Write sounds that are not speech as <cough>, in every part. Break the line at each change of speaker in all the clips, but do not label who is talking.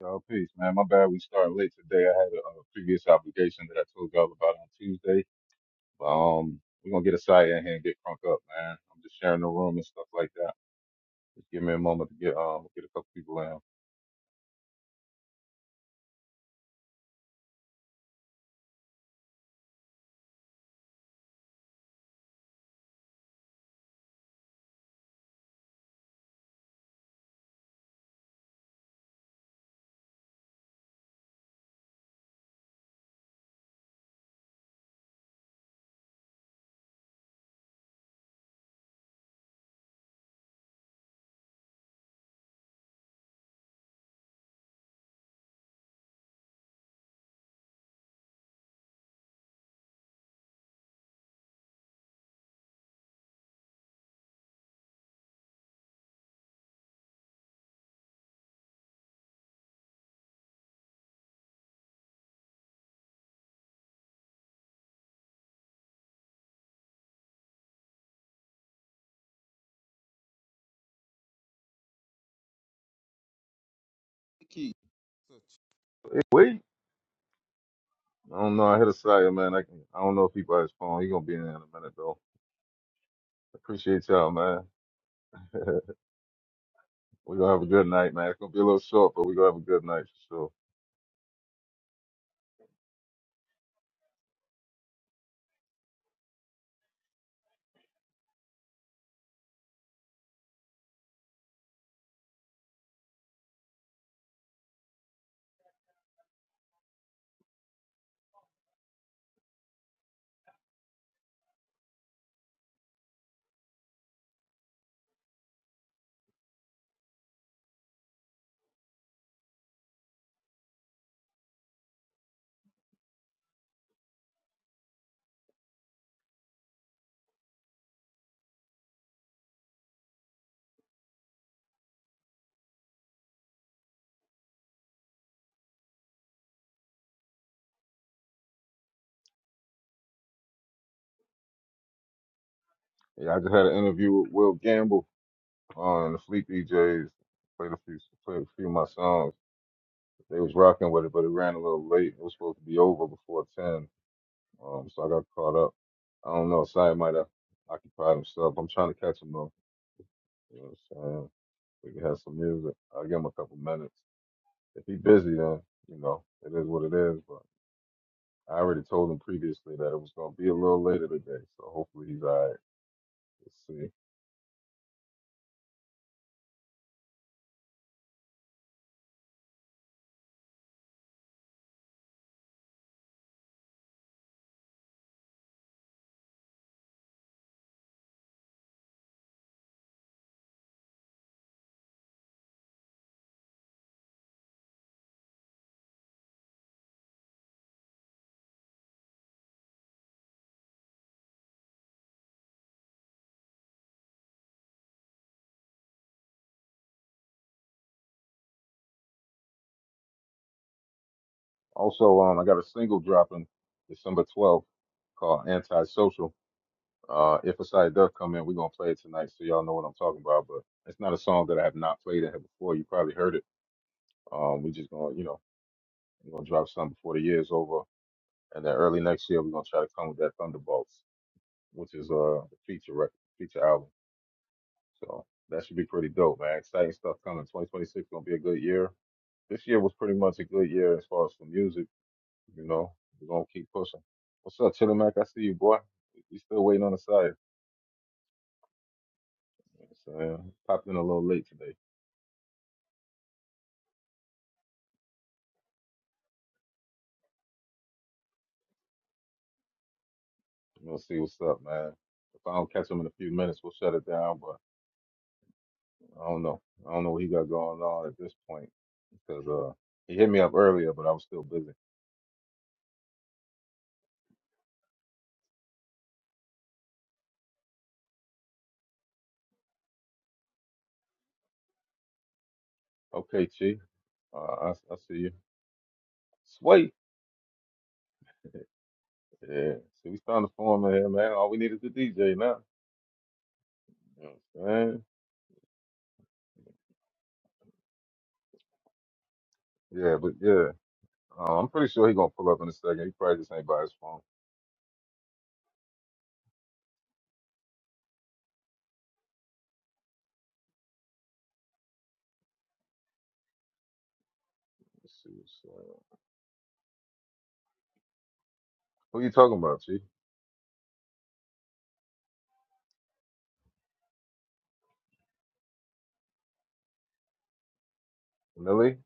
Y'all, peace, man. My bad. We started late today. I had a, uh previous obligation that I told y'all about on Tuesday. But, um, we're gonna get aside in here and get crunk up, man. I'm just sharing the room and stuff like that. Just give me a moment to get um get a couple people in. Key. Hey, wait. I don't know. I hit a side, man. I can, I don't know if he by his phone. He gonna be in there in a minute though. Appreciate y'all, man. <laughs> we gonna have a good night, man. It's gonna be a little short, but we gonna have a good night for sure. Yeah, I just had an interview with Will Gamble on the Fleet DJs. Played a few, played a few of my songs. They was rocking with it, but it ran a little late. It was supposed to be over before ten, um, so I got caught up. I don't know. Sai might have occupied himself. I'm trying to catch him though. You know what I'm saying? We can have some music. I'll give him a couple minutes. If he busy, then you know it is what it is. But I already told him previously that it was gonna be a little later today, so hopefully he's alright. Let's see. Also, um, I got a single dropping December 12th called "Antisocial." Uh, if a side does come in, we're gonna play it tonight, so y'all know what I'm talking about. But it's not a song that I have not played in here before. You probably heard it. Um, we just gonna, you know, we're gonna drop something before the year is over, and then early next year we're gonna try to come with that Thunderbolts, which is uh the feature record, feature album. So that should be pretty dope, man. Exciting stuff coming. 2026 gonna be a good year. This year was pretty much a good year as far as for music. You know, we're gonna keep pushing. What's up, Chillimack? I see you, boy. You still waiting on the side. You know what I'm saying? Popped in a little late today. We'll see what's up, man. If I don't catch him in a few minutes, we'll shut it down. But I don't know. I don't know what he got going on at this point because uh, he hit me up earlier, but I was still busy. Okay, Chief. Uh, I, I see you. Sway. Yeah. See, we starting to form in here, man. All we need is the DJ now. You know what I'm saying? Yeah, but yeah. Uh, I'm pretty sure he gonna pull up in a second. He probably just ain't by his phone. Let's see. What's uh, who you talking about, Chief? Millie?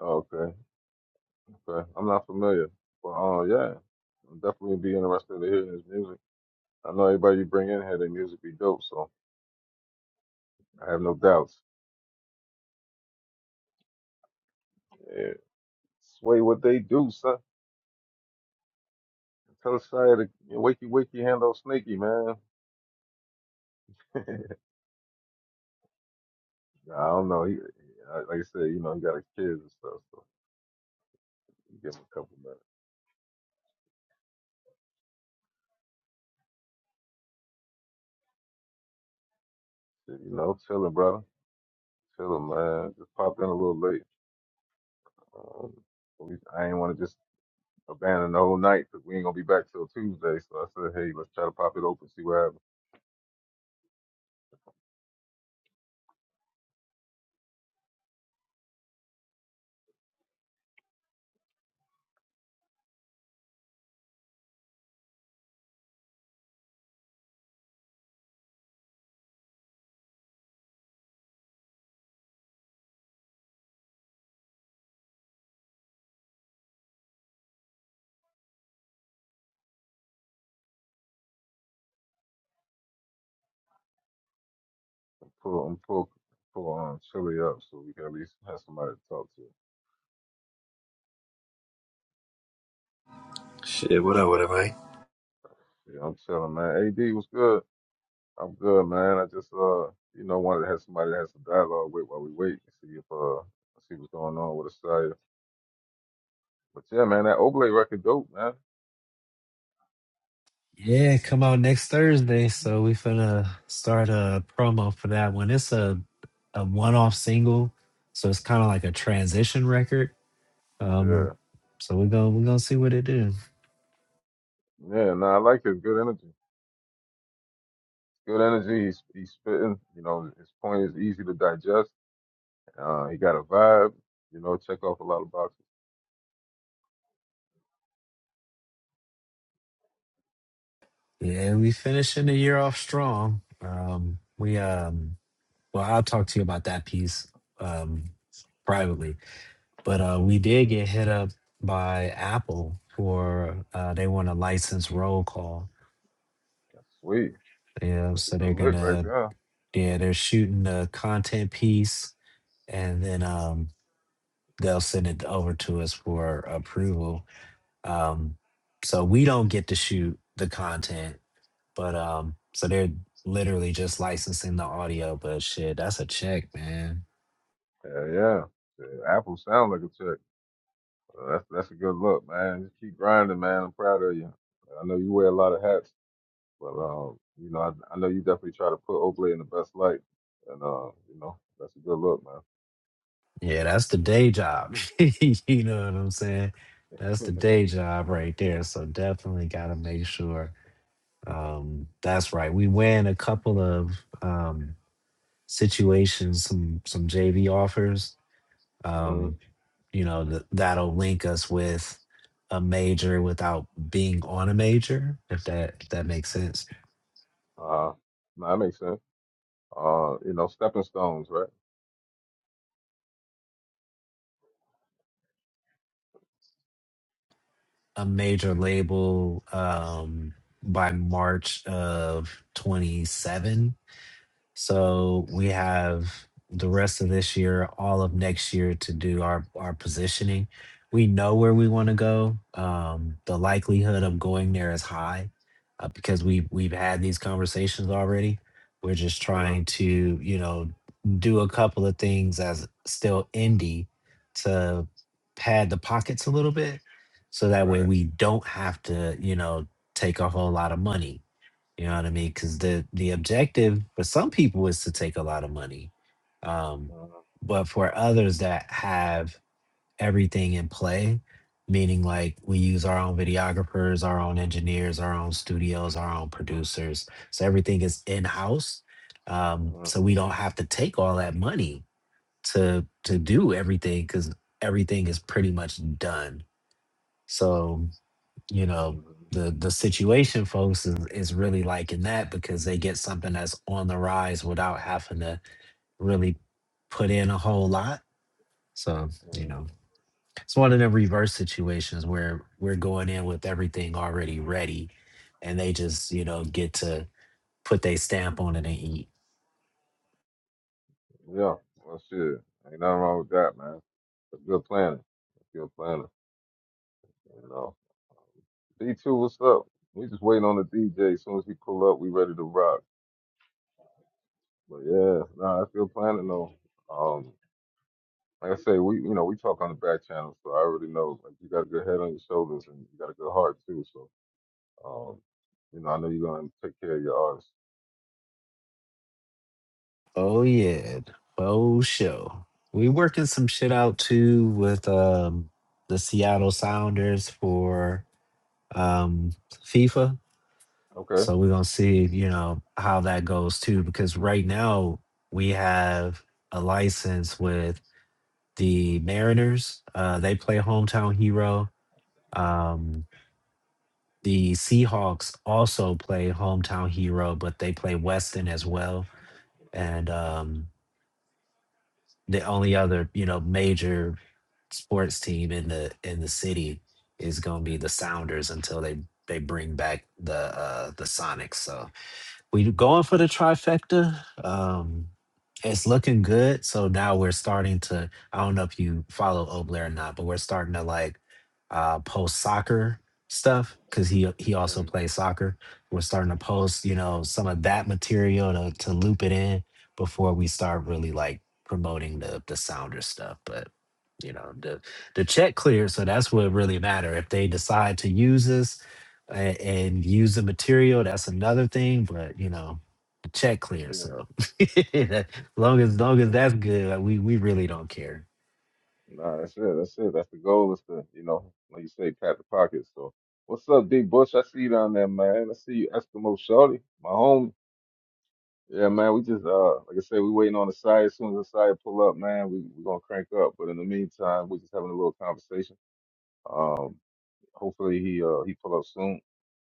Oh, okay. Okay. I'm not familiar. But uh, yeah. I'm definitely be interested to hear his music. I know everybody you bring in here, their music be dope, so I have no doubts. Yeah. Sway what they do, son. Tell us how to you know, wakey wakey handle sneaky, man. <laughs> I don't know. He, I- like I said, you know, he got his kids and stuff, so you give him a couple minutes. You know, chilling, brother. Chilling, man. Just popped in a little late. Um, we, I ain't want to just abandon the whole night, cause we ain't gonna be back till Tuesday. So I said, hey, let's try to pop it open, see what happens. Pull, um, pull, pull, um, Chili up so we can at least have somebody to talk to.
Shit, what up with it, man?
Yeah, I'm chilling, man. AD, what's good? I'm good, man. I just uh, you know, wanted to have somebody to have some dialogue with while we wait and see if uh, see what's going on with Australia. But yeah, man, that Oblate record dope, man.
Yeah, come out next Thursday. So we finna start a promo for that one. It's a, a one off single, so it's kind of like a transition record.
Yeah,
Um, so we're gonna we're gonna see what it do.
yeah. Nah, I like his good energy. Good energy. He's he's spitting. You know, his point is easy to digest. Uh, he got a vibe. You know, check off a lot of boxes.
Yeah, we finishing the year off strong. Um, we um, well, I'll talk to you about that piece um privately, but uh, we did
Mm-hmm.
get hit up by Apple for uh, they want a license roll call.
Sweet.
Yeah,
That's a
so
good
they're
lick right
gonna
there.
Yeah, they're shooting the content piece and then um they'll send it over to us for approval. Um so we don't get to shoot the content, but um so they're literally just licensing the audio, but shit, that's a check, man.
Yeah, yeah. Yeah, Apple sound like a check. Well, that's that's a good look, man. Just keep grinding, man. I'm proud of you. I know you wear a lot of hats, but um, you know, I, I know you definitely try to put Oakley in the best light, and uh, you know, that's a good look,
Yeah, that's the day job. <laughs> you know what I'm saying? That's
man.
the
<laughs>
day job right there. So definitely gotta make sure um that's right. We ran a couple of um situations, some some JV offers.
hmm
Um, you know th- that'll link us with a major without being on a major, if that if that makes sense.
Uh, no, that makes sense. Uh, you know, stepping stones, right?
A major label um, by March of 27 So we have the rest of this year, all of next year to do our our positioning. We know where we want to go. Um, the likelihood of going there is high uh, because we we've had these conversations already. We're just
hmm
trying to you know do a couple of things as still indie to pad the pockets a little bit, so that way
Right.
we don't have to you know take a whole lot of money you know what I mean? Because the the objective for some people is to take a lot of money, um,
Mm-hmm.
but for others that have everything in play, meaning like we use our own videographers, our own engineers, our own studios, our own producers, so everything is in house. Um,
hmm
so we don't have to take all that money to to do everything because everything is pretty much done. So you know the the situation folks is, is really liking that because they get something that's on the rise without having to really put in a whole lot so you
hmm
know it's one of the reverse situations where we're going in with everything already ready and they just you know get to put their stamp on it and eat
Yeah. Well, shit, ain't nothing wrong with that, man. It's good planning. It's good planning. You know. D2, what's up? We just waiting on the DJ. As soon as he pull up, we ready to rock. But yeah, nah, I still planning though. Um, like I say, we you know we talk on the back channel, so I already know like you got a good head on your shoulders and you got a good heart too. So um, you know I know you're gonna take care of your artists.
oh yeah oh sure. we working some shit out too with um the seattle sounders for um fifa
Okay.
So we're gonna see, you know, how that goes too, because right now we have a license with the Mariners. Uh, they play hometown hero. Um, the Seahawks also play hometown hero, but they play Weston as well. And um, the only other, you know, major sports team in the in the city is gonna be the Sounders until they they bring back the uh, the Sonics. So we going for the trifecta. Um, it's looking good. So now we're starting to. I don't know if you follow Obler or not, but we're starting to like uh, post soccer stuff because he he also
And,
plays soccer. We're starting to post, you know, some of that material to to loop it in before we start really like promoting the the sounder stuff. But you know, the the check cleared, so that's what really matter. If they decide to use this, and, and use the material. That's another thing, but you know, the check clear.
yeah.
So <laughs> long as long as that's good, like, we we really don't care. <laughs>
Nah, that's it. That's it. That's the goal. Is to you know like you say, pat the pockets. So what's up, D Bush? I see you down there, man. I see you, Eskimo Shorty, my homie. Yeah, man, we just uh like I said, we waiting on the side. As soon as the side pull up, man, we we gonna crank up. But in the meantime, we just having a little conversation. Um, hopefully he uh he pull up soon.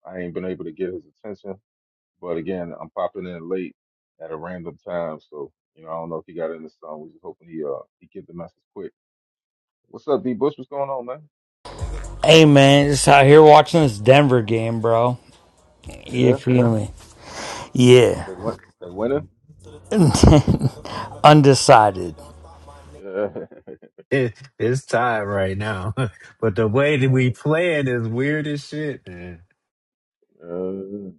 I ain't been able to get his attention, but again, I'm popping in late at a random time, so you know I don't know if he got in the song. We just hoping he uh he get the message quick. What's up, D Bush? What's going on, man?
Hey man, just out here watching this Denver game, bro. You
Yeah,
feel me? Yeah.
they went they winning.
<laughs> Undecided.
Yeah, <laughs>
It, it's time right now, <laughs> but the way that
uh,
we
okay.
playing is weird as shit, man.
uh, yeah,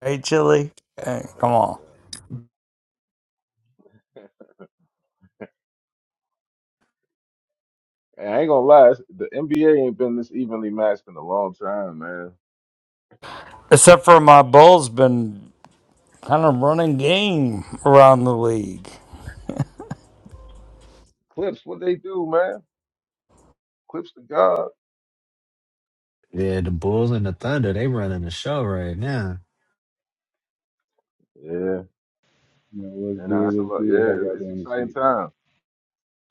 Hey, Chili. Hey, come
yeah.
on.
yeah. And I ain't gonna lie, it's- the NBA ain't been this evenly matched in a long time, man.
Except for my Bulls been kind of running game around the league.
Clips, what they do, man? Clips to God.
Yeah, the Bulls and the Thunder, they running the show right now.
Yeah,
You know, what's
and
good?
that's a
What's
lot.
good? How
Yeah,
y'all
it's
doing this
exciting
evening?
time.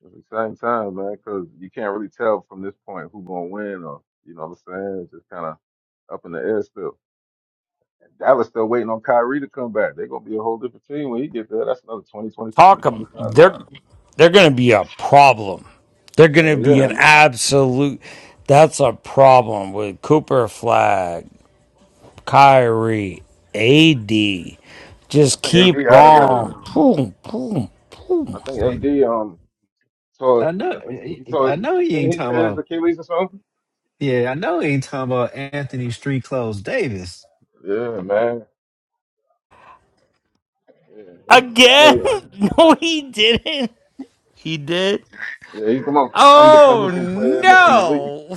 It's exciting time, man, because you can't really tell from this point who gonna win, or you know what I'm saying? It's just kind of up in the air still. Dallas still waiting on Kyrie to come back. They're gonna be a whole different team when he get there. That's another 20, 20, 25
Talk ab- they're
points.
they're going to be a problem. They're
Hell
going to be
yeah,
an absolute. That's a problem with Cooper Flag, Kyrie, AD.
I
Just
think
keep
AD out of that. um,
on. Boom, boom, boom.
I think AD. um. So
I know,
I think he told
I know he
didn't
ain't
he
talking
tear his
about.
Achilles or something?
Yeah, I know he ain't talking about Anthony Street Clothes Davis.
Yeah, man. Yeah, he's he's very
Again? <laughs> No, he didn't. He did.
yeah he's the most
Oh
undependable player in the, in the league.
no!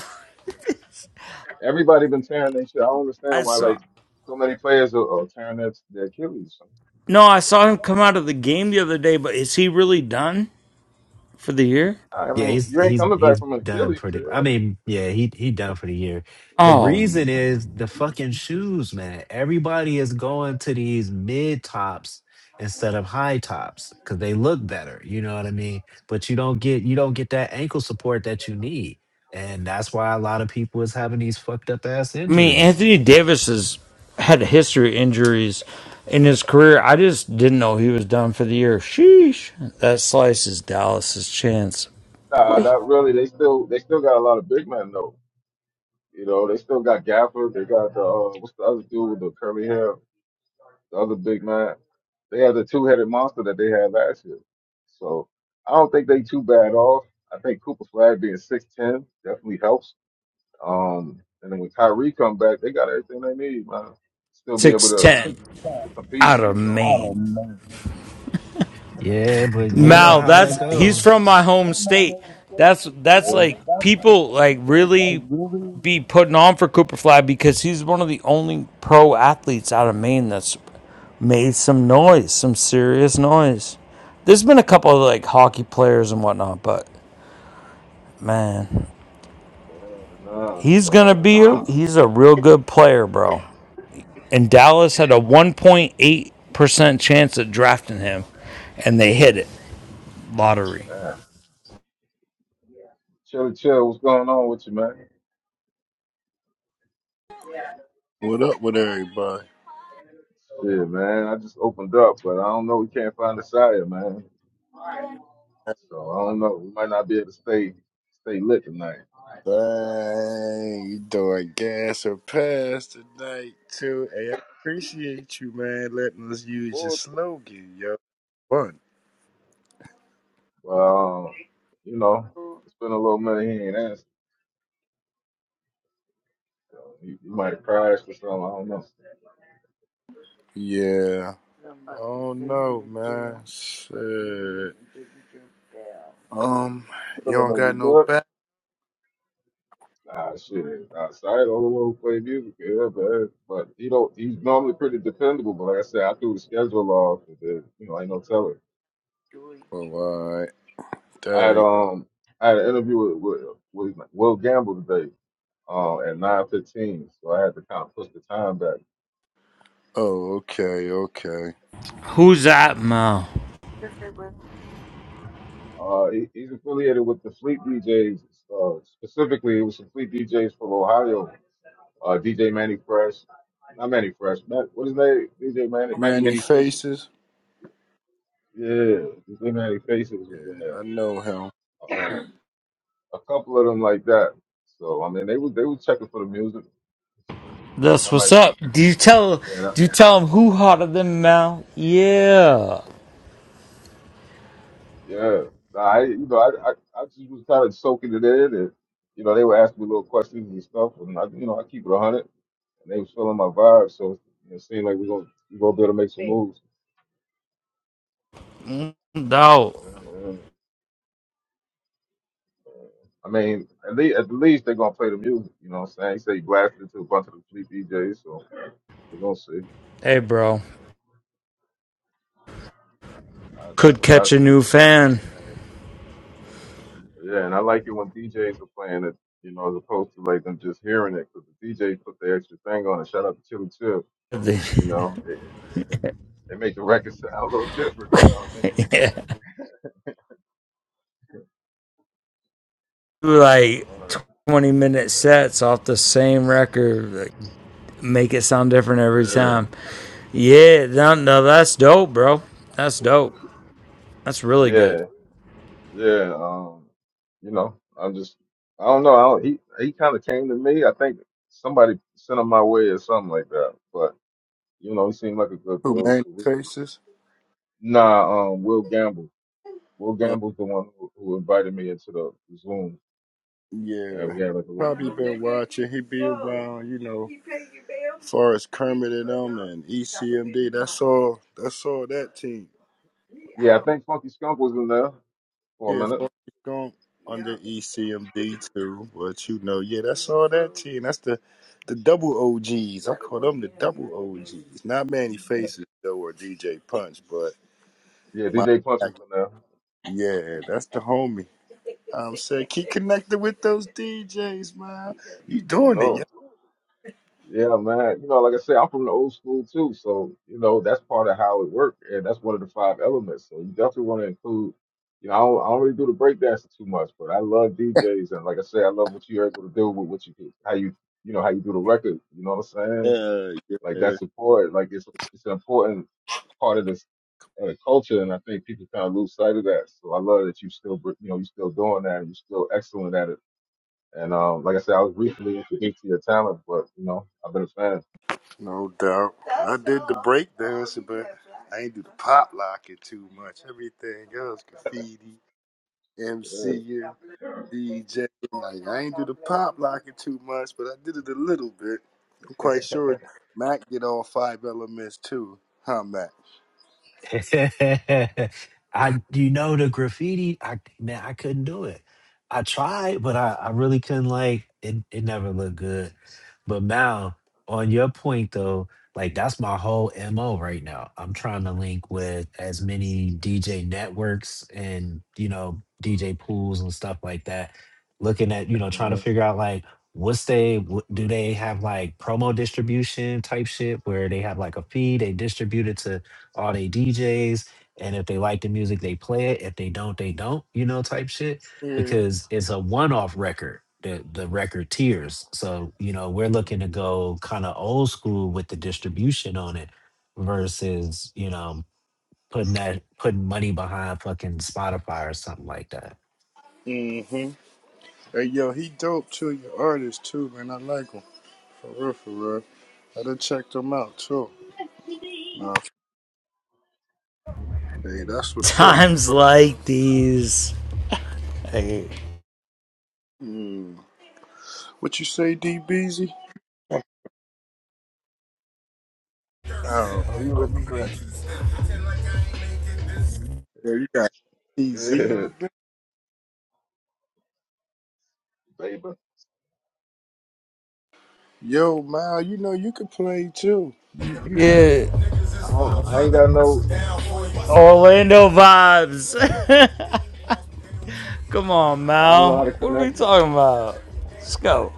Everybody been tearing their shit. I don't
I
understand why
saw.
like so many players are, are tearing their, their Achilles.
No, I saw him come out of the game the other day. But is he really done for the year?
I
Yeah,
mean,
he's
you ain't
he's
coming back
he's
from an
done
Achilles
for the. I
tear.
mean, yeah, he he done for the year. The
Oh,
reason is the fucking shoes, man. Everybody is going to these mid tops instead of high tops because they look better. You know what I mean? But you don't get you don't get that ankle support that you need, and that's why a lot of people is having these fucked up ass
I mean,
injuries.
Anthony Davis has had a history of injuries in his career. I just didn't know he was done for the year. Sheesh. That slices Dallas's chance.
Nah,
Boy,
not really. They still they still got a lot of big men though. You know, they still got Gafford. They got the uh, what's the other dude with the curly hair? The other big nine, they have the two headed monster that they had last year. So I don't think they too bad off. I think Cooper Flag being six ten definitely helps. Um, and then when Kyrie come back, they got everything they need, man. Still be able
six
to, Six
ten
five. to compete,
out of
you know. Oh
Maine.
man.
Yeah,
not know,
but
You
you know
Mal,
how
Nah,
that
that's he's
goes.
that's
from my home
from my
state.
head straight.
That's
That's
that's
Yeah.
like
that's like
people like
people
really
like really
be putting on for Cooper Fly because he's one of the only pro athletes out of Maine that's made some noise, some serious noise. There's been a couple of like hockey players and whatnot, but man,
Yeah, nah.
he's gonna be a, he's a real good player, bro. And Dallas had a 1.8 percent chance of drafting him, and they hit it lottery.
Yeah. Chilly chill, what's going on with you, man?
What up with everybody?
Shit, man. I just opened up, but I don't know. We can't find the sire, man. So I don't know. We might not be able to stay stay lit tonight.
Dang, you doing gas or pass tonight too. Hey, I appreciate you, man, letting us use your
Well,
slogan, yo. Fun.
But uh, you know, it's been a little minute. He ain't answered. So you, you might have crashed or something. I don't know.
Yeah. Oh no, man. Shit. Um, you
no,
don't
no, you
got no
good?
back.
Ah, shit. Outside, all the little play music, yeah, but but he don't. He's normally pretty dependable. But like I said, I threw the schedule off. And then, you know, ain't no telling.
Oh, all right.
I had
Dang.
um, I had an interview with with, with Will Gamble today. uh, at 9:15, so I had to kind of push the time back.
Oh, okay, okay.
Who's that, Mal?
Uh, he, he's affiliated with the Fleet DJs. Uh, specifically, it was some Fleet DJs from Ohio. Uh, DJ Manny Fresh, not Manny Fresh. Matt, what is his name? DJ Manny, Manny,
Manny
Manny Faces.
Faces.
Yeah, DJ Manny Faces was in
Yeah, I
there.
know him.
Um, a couple of them like that. So I mean, they was they was checking for the music. So
That's
but I
what's
might
up.
be.
Do you tell do you tell them who hotter than Mal? Yeah.
Yeah, Nah, I you know I, I I just was kind of soaking it in, and you know they were asking me little questions and stuff, and I you know I keep it a hundred, and they was feeling my vibe, so it seemed like we gonna we gonna be able to make some moves.
No.
Um, I mean, at least at the least they're gonna play the music, you know what I'm saying? He said he blasted it to a bunch of the fleet DJs, so they're gonna see.
Hey bro.
Uh, that's
Could
what I
catch a
say.
new fan.
And, yeah, and I like it when DJs are playing it, you know, as opposed to like them just hearing it, because the DJ put the extra thing on it. Shout out to Chili Chip,
They
you know. They make the record sound a little different, you know what
do like
I
twenty minute sets off the same record. Like, make it sound different every
mean? Word.
time. Yeah, no, no, that's dope, bro. That's dope. That's
Yeah,
really good.
yeah, yeah. Um, you know, I'm just, I don't know. I don't, he he kind of came to me. I think somebody sent him my way or something like that. But you know, he seemed like a good
Who
dude.
Manny
So we see.
Faces?
Nah, um, Will Gamble. Will Gamble's the one who, who invited me into the Zoom, and
Yeah.
we had like a little
Probably
interview.
been watching. He be around, you know, as far as Kermit and them and ECMD. That's all. That's all that team.
Yeah, I think Funky Skunk was in there for a
Yeah,
minute.
Forrest Gump under ECMD too. But you know, yeah, that's all that team. That's the the double OGs. I call them the double OGs. Not Manny Faces though or DJ Punch, but
Yeah,
my
DJ Punch was in there.
yeah, that's the homie. I'm saying keep connected with those DJs, man. <laughs> You
You
doing
know.
it,
Yeah, man. You know, like I say, I'm from the old school too, so you know that's part of how it worked, and that's one of the five elements. So you definitely want to include. You know, I don't, I don't really do the breakdancing too much, but I love DJs, and like I said, I love what you're able to do with what you do, how you, you know, how you do the record. You know what I'm
yeah.
saying?
Uh,
Like
yeah.
that's important. Like it's it's an important part of this uh, culture, and I think people kind of lose sight of that. So I love that you still, br- you know, you're still doing that, and you're still excellent at it. And um, like I said, I was recently introduced to your talent, but you know, I've been a fan.
No doubt. I did the break dancing, but I ain't do the pop locking too much. Everything else, graffiti, MC, DJ. Like I ain't do the pop locking too much, but I did it a little bit. I'm quite sure Mac did all five elements too, huh, Mac?
<laughs> I you know the graffiti, I man, I couldn't do it. I tried, but I, I really couldn't like it it never looked good. But Mal, on your point though, like that's my whole MO right now. I'm trying to link with as many DJ networks and you know, DJ pools and stuff like that. Looking at, you know,
hmm
trying to figure out like what's they what, do they have like promo distribution type shit where they have like a fee they distribute it to are they DJs? And if they like the music, they play it. If they don't, they don't, you know, type shit. Because it's a one off record, the, the record tiers. So, you know, we're
hmm
looking to go kind of old school with the distribution on it versus, you know, putting that putting money behind fucking Spotify or something like that.
Mm-hmm. Hey, yo, he dope too. Your artist too, man. I like him for real, for real. I done checked him out too. Nah, hey, that's
<laughs>
what's up. Yo.
Times like these. Hey.
Mm. What you say, DBZ? Oh,
Oh, you listen to it,
there you got TZ in
Yeah,
the building.
<laughs> baby.
Yo, Mal, you know you can play too. You, you, you
Yeah.
I don't. I ain't got no.
Orlando vibes. <laughs> Come on,
I don't know
Mal.
how to
What are we
connect it.
talking about? Let's go.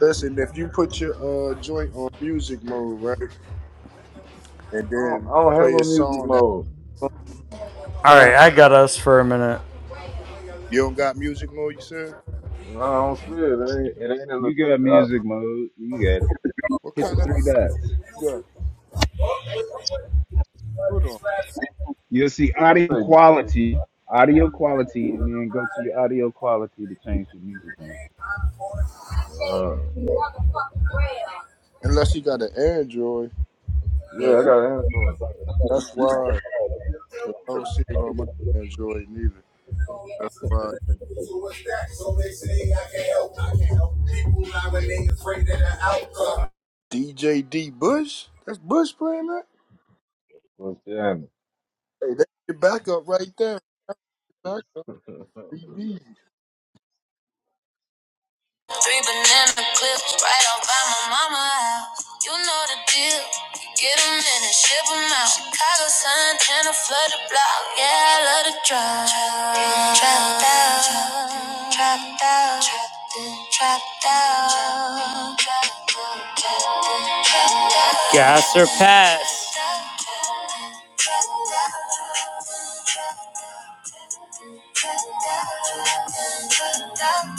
listen. If you put your uh joint on music mode, right, and
I don't.
then
I don't have
play a
a music
song at
mode.
the
All
same
right,
time,
I got us for a minute.
you don't got music mode. You said
No, I don't see it. It ain't. It ain't in the
You
three
got
dots.
music mode. You got it.
what
Hit the
kind of
three dots.
you got? Hold on.
You'll see
Let's
audio
say.
quality, audio quality, and then go to your audio quality to change your music mode.
Uh,
Unless you got an Android,
yeah,
but
I got an Android.
that's why. Cause I don't see it on my Android neither. That's why. DJ D Bush. That's Bush playing that.
What's jamming?
Hey, that's your backup right there. Backup.
Three banana clips right off by my mama house. You know the deal. Get 'em in and ship 'em out. Chicago sun, tan, a flooded block. Yeah, I love to drive. Trapped out, trapped out, trapped in, trapped out. Gas or pass? Plug pulled up,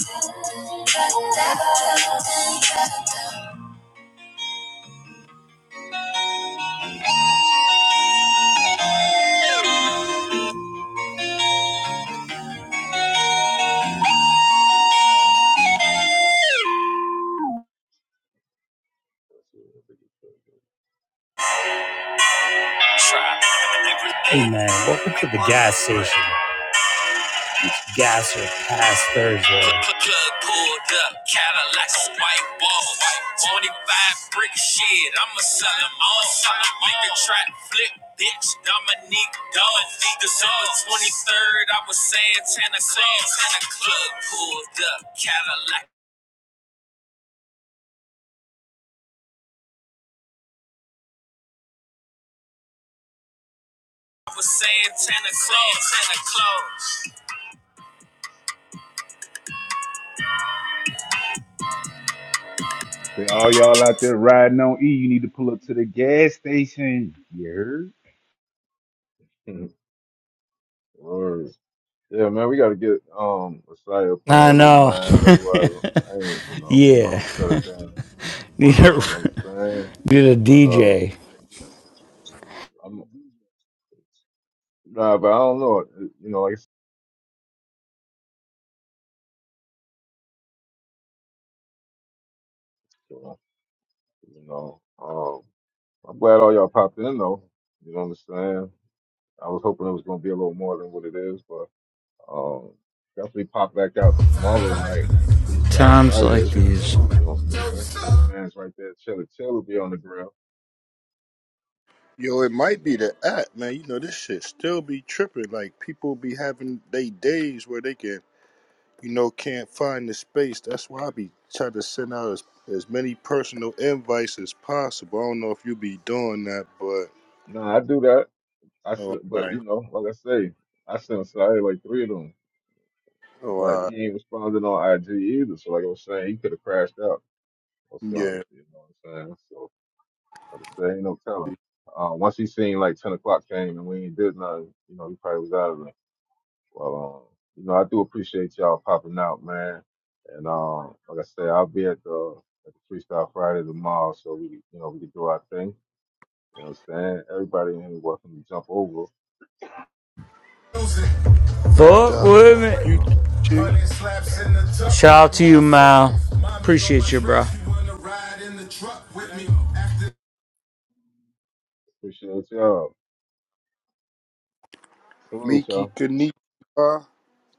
Cadillacs on white walls. 25 brick shit, I'ma sell 'em all. Make the track flip, bitch, Dominique Dog. December 23rd, I was Santana Claus. Plug pulled up, Cadillac. I was Santana Claus. Santa Claus.
Say, all y'all out there riding on E, you need to pull up to the gas station. You heard?
Mhm. <laughs> Word. Yeah, man, we gotta get um a site up there,
I
little
know.
man. Otherwise, I ain't. You
<laughs>
know,
yeah.
we'll shut it down. You
<laughs>
know what I'm saying?
Get a
But uh,
DJ.
I'm. Nah, but I don't know. You know, like I said, you know, um, I'm glad all y'all popped in though. You know what I'm saying? I was hoping it was gonna be a little more than what it is, but um, definitely pop back out tomorrow night, Freestyle
Times like
Friday.
these.
You know what I'm saying? Where your man's right there, chiller, chill will be on the grill.
Yo, it might
And
be the
uh,
app, man. You know, this shit still be tripping. Like people be having they days where they can, you know, can't find the space. That's why I be trying to send out as, as many personal invites as possible. I don't know if you be doing that, but
nah, I do that. I
oh, all
said, but
right,
you know, like I say, I sent Saeed like three of them,
oh,
but
all right.
he ain't responding on IG either. So like I was saying, he could have crashed out or something.
yeah,
You know what I'm saying? So, Like I there ain't no telling. Uh, once he seen like ten o'clock came and we ain't did nothing, you know, he probably was out of it. Well, um, you know, I do appreciate y'all popping out, man. And um, like I said, I'll be at the at the Freestyle Friday tomorrow, so we, you know, we can do our thing. You know what I'm saying? Everybody in here welcome to jump over,
no
have a
Fuck
doubt.
good
with
time. You know
You,
me.
what I'm
Chi,
Shout out to you, Mal. Appreciate you, bro.
saying? Appreciate y'all. Salute
Miki,
y'all.
Kanichiwa,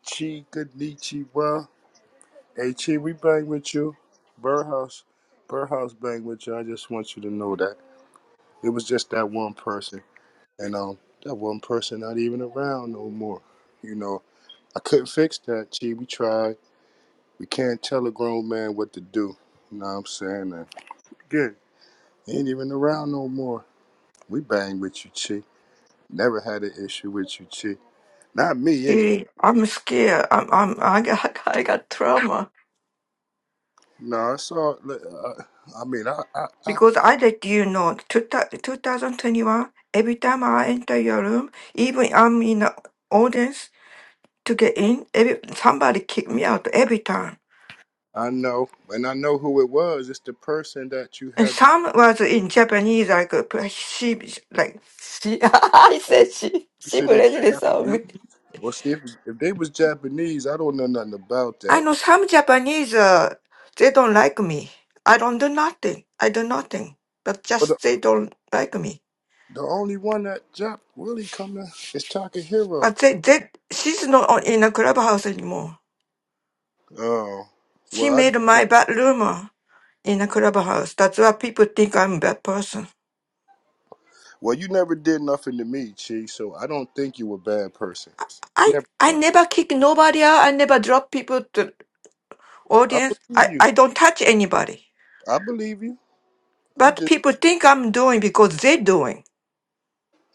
Chi, Kanichiwa. Hey, Chi, we bang with you. Burhouse, Burhouse bang with you. I just want you to know that. It was just that one person, and um, that one person not even around no more. You know, I couldn't fix that. Gee, we tried. We can't tell a grown man what to do. You know what I'm saying? And good. ain't even around no more. We bang with you, Chi. Never had an issue with you, Chi. Not me, anyway.
Judy, I'm scared. I'm, I'm, I got, <laughs> I got trauma
No, it's all. Uh, I mean, I, I, I,
because I let you know, two thou- 2021, every time I enter your room, even I'm in the audience to get in, every, somebody kick me out every time.
I know, and I know who it was. It's the person that you
And
had.
some was in Japanese, like, uh, she, like, she, <laughs> I said she,
You
she
said should
blatantly saw me.
Japanese? Well, see, if, if they was Japanese, I don't know nothing about
I
that.
know some Japanese, uh, they don't like me. I don't do nothing. I do nothing. But
but.
just they don't like me.
The only one that dropped really coming is Takahiro.
But they, they, she's not on- in a clubhouse anymore.
Oh,
She
well, I just
made my
want.
bad rumor in a clubhouse. That's why people think I'm a bad person.
Well, you never did nothing to me, Chi. So I don't think you a bad person. I
I,
never.
I
thought-
never kick nobody out. I never drop people to
I
audience.
believe
I,
you.
I don't touch anybody.
I believe you. I'm
But
just.
people think I'm doing because they're doing.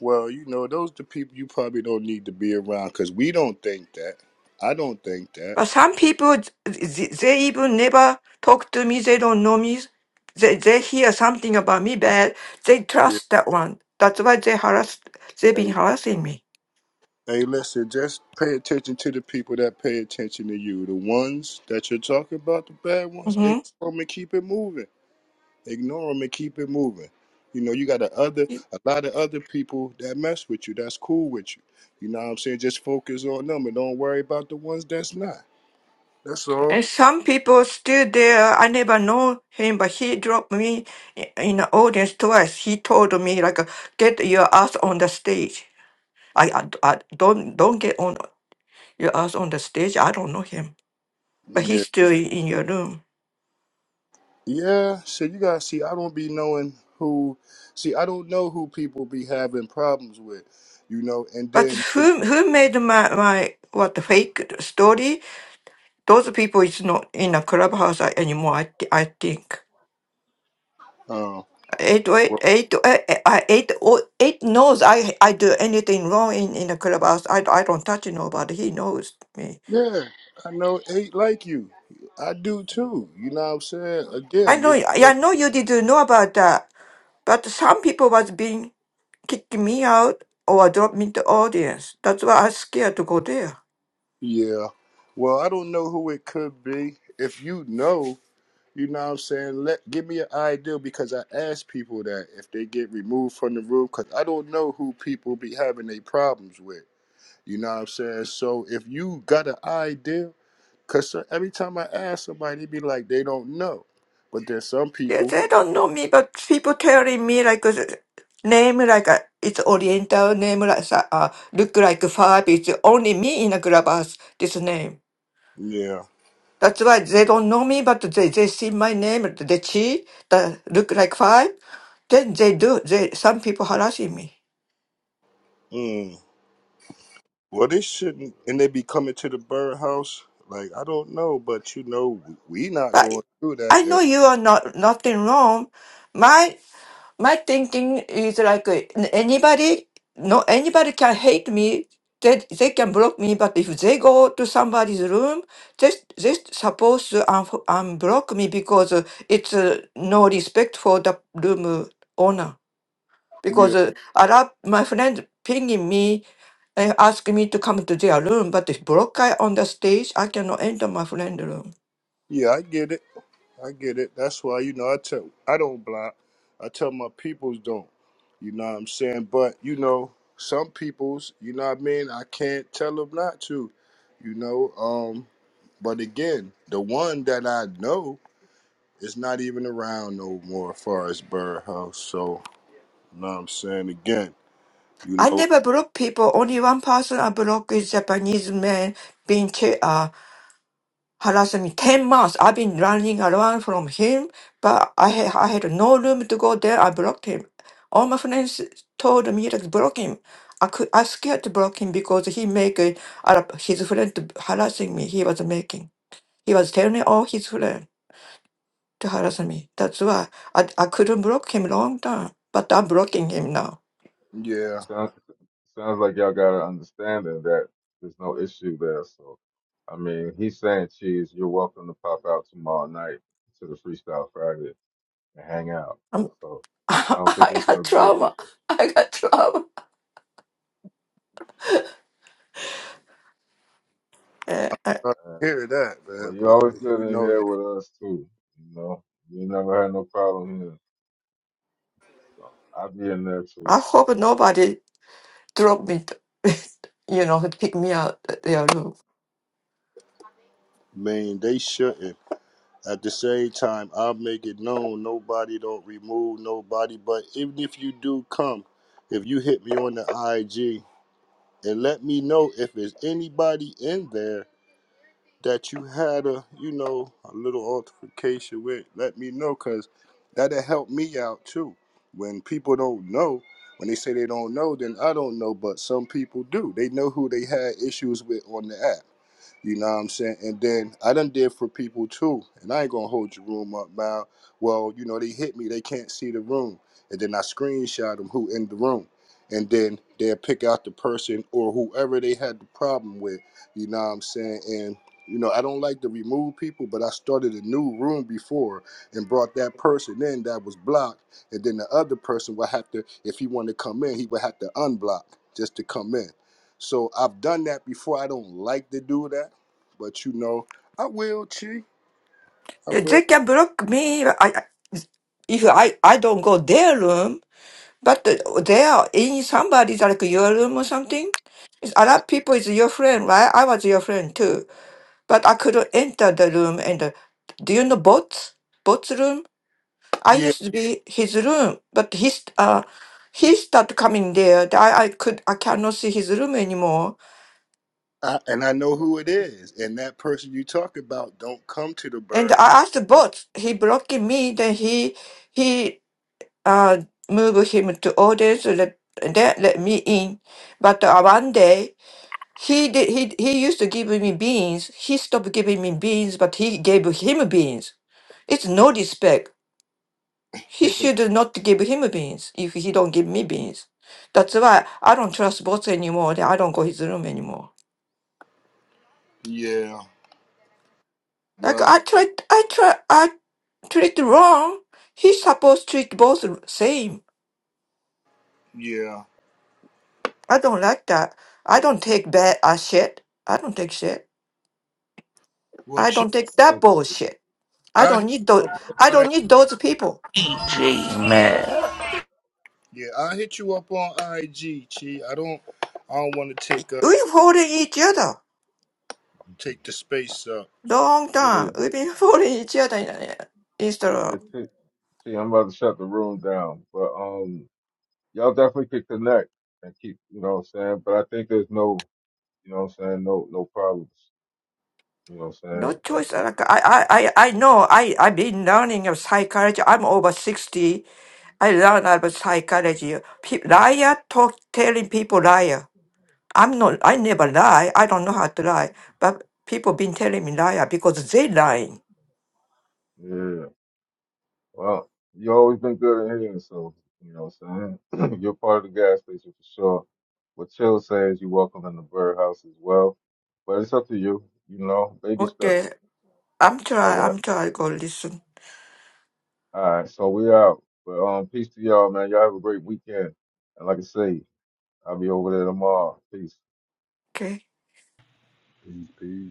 Well, you know, those the people you probably don't need to be around because we don't think that. I don't think that.
But some people, they, they even never talk to me. They don't know me. They, they hear something about me bad. They
Yeah.
trust that one. That's why they harass, they've been
Hey,
harassing me.
hey, listen. Just pay attention to the people that pay attention to you. The ones that you're talking about, the bad ones.
hmm
Ignore 'em and keep it moving. Ignore them and keep it moving. You know, you got a other a lot of other people that mess with you, that's cool with you. You know what I'm saying? Just focus on them and don't worry about the ones that's not. That's all.
And some people still there. I never know him, but he dropped me i- in the audience twice. He told me like, "Get your ass on the stage." I, I, I don't don't get on your ass on the stage. I don't know him, but
Yeah.
he's still in, in your room.
Yeah. So you gotta see I don't be knowing who see, I don't know who people be having problems with, you know, and
But
then
who who made my my what fake story? Those people is not in a clubhouse a- anymore. I thi- I think.
um
Eight, oh eight,
well,
eight, eh, eh, I eight, oh, eight knows I I do anything wrong in in the clubhouse. I I don't touch nobody. He knows me.
yeah, I know it ain't like you. I do
Yeah.
too. You know what I'm saying?
I
Again,
know.
it
I know you didn't know about that. But some people was being kicking me out or drop me the audience. That's why I'm scared to go there.
Yeah. Well, I don't know who it could be. If you know, you know what I'm saying, let give me an idea because I ask people that if they get removed from the room cuz I don't know who people be having their problems with. You know what I'm saying? So if you got an idea cuz every time I ask somebody they be like they don't know. But there's some
They,
people,
they don't know me, but people telling me like uh, name like uh, it's Oriental name like uh, uh, look like five. It's only me in a clubhouse. This name.
yeah.
That's why they don't know me, but they, they see my name. They see that look like five. Then they do. They some people harassing me.
Mm. Well, they
yeah.
shouldn't and they be coming to the birdhouse like I don't know, but you know we we not
But
going through
I know
that.
you are not nothing wrong. My. My thinking is like anybody, no, anybody can hate me. They, they can block me, but if they go to somebody's room, they they supposed to un- unblock me because uh, it's uh, no respect for the room owner. Because uh, a lot my friend pinging me and ask me to come to their room, but if block guy on the stage, I cannot enter my friend room.
Yeah, I get it. I get it. That's why you know I tell I don't block. I tell my peoples don't. You know what I'm saying? But you know, some peoples, you know what I mean. I can't tell them not to. You know. Um. But again, the one that I know is not even around no more, as far as Bird House. So you know what I'm saying? Again, you
I
know.
never block people. Only one person I block is Japanese man being chair. harassed me 10 months. I've been running around from him, but I, ha- I had no room to go there. I blocked him. All my friends told me to block him. I could, I scared to block him because he make a, a- his friend to harassing me. He was making. He was telling all his friend to harass me. That's why I, I couldn't block him long time. But I'm blocking him now.
It
Yeah.
sounds, sounds like y'all got an understanding that there's no issue there. So, I mean, he's saying, Cheese, you're welcome to pop out tomorrow night to the Freestyle Friday and hang out.
I'm,
So,
<laughs>
I don't think
I
it's
got
going to be an
trauma.
issue.
I got trauma. Eh, I,
I
Uh,
hear that,
Well,
man.
you're
But
always good
you
in
know,
here
I
with us, too. You know, we never had no problem here. So, I'll be in there, too.
I hope nobody drop me, <laughs> you know, pick me out at their room.
mean, they shouldn't. At the same time, I make it known nobody don't remove nobody. But even if you do come, if you hit me on the IG and let me know if there's anybody in there that you had a you know a little altercation with, let me know because that'll help me out too. When people don't know, when they say they don't know, then I don't know. But some people do. They know who they had issues with on the app. You know what I'm saying? And then I done did for people too. And I ain't gonna hold your room up, man. Well, you know, they hit me, they can't see the room. And then I screenshot them who in the room. And then they'll pick out the person or whoever they had the problem with. You know what I'm saying? And you know, I don't like to remove people, but I started a new room before and brought that person in that was blocked. And then the other person would have to, if he wanted to come in, he would have to unblock just to come in. So I've done that before. I don't like to do that but you know, I will, Chi. I
Yeah,
will.
They can block me. I, I- if I, I don't go their room, but they are in somebody's like your room or something. It's a lot of people is your friend, right? I was your friend too, but I couldn't enter the room. And uh, do you know Bot's Bot's room? I
Yeah,
used to be his room, but he's uh he started coming there. I I could I cannot see his room anymore.
I, and I know who it is. And that person you talk about don't come to the
And
bird.
I asked both. he blocking me, then he he uh moved him to orders let that let me in. But uh, one day he did he he used to give me beans. He stopped giving me beans, but he gave him beans. It's no respect. He should not give him beans if he don't give me beans. That's why I don't trust both anymore. Then I don't go his room anymore.
Yeah.
Like
Well.
I tried, I try, I treat wrong. He supposed treat both same.
Yeah.
I don't like that. I don't take bad uh, shit. I don't take shit.
Well,
I
Chi,
don't take
I
that
think it,
bullshit. I
I
don't
hit
need
you
those.
up
I
on I,
don't need those people.
yeah, I hit you up on IG, Chi. I don't. I don't want to take up
We following each other
take the space up.
long
yeah,
time. We've been <laughs> following each other in, uh, instead
yeah.
of
T, T, I'm about to shut the room down. But um, y'all definitely could connect and keep, you know what I'm saying? But I think there's no You know what I'm saying? No no problems. You know what
no
I'm saying? But
choice. Like I, I, I, I know. I, I've been learning of psychology. I'm over sixty. I learned about psychology. Pe- liar talk telling people liar. I'm not. I never lie. I don't know how to lie. But people been telling me liar because they lying.
yeah. Well, you always been good in here, so you know what I'm saying? <clears throat> You're part of the gas station for sure. What Chill says you're welcome in the bird house as well. But it's up to you, you know, baby steps.
Okay, I'm
All
try.
right.
I'm try. Go listen.
All right, so we out. But um peace to y'all, man. Y'all have a great weekend. And like I say, I'll be over there tomorrow. Peace.
Okay.
Peace, peace.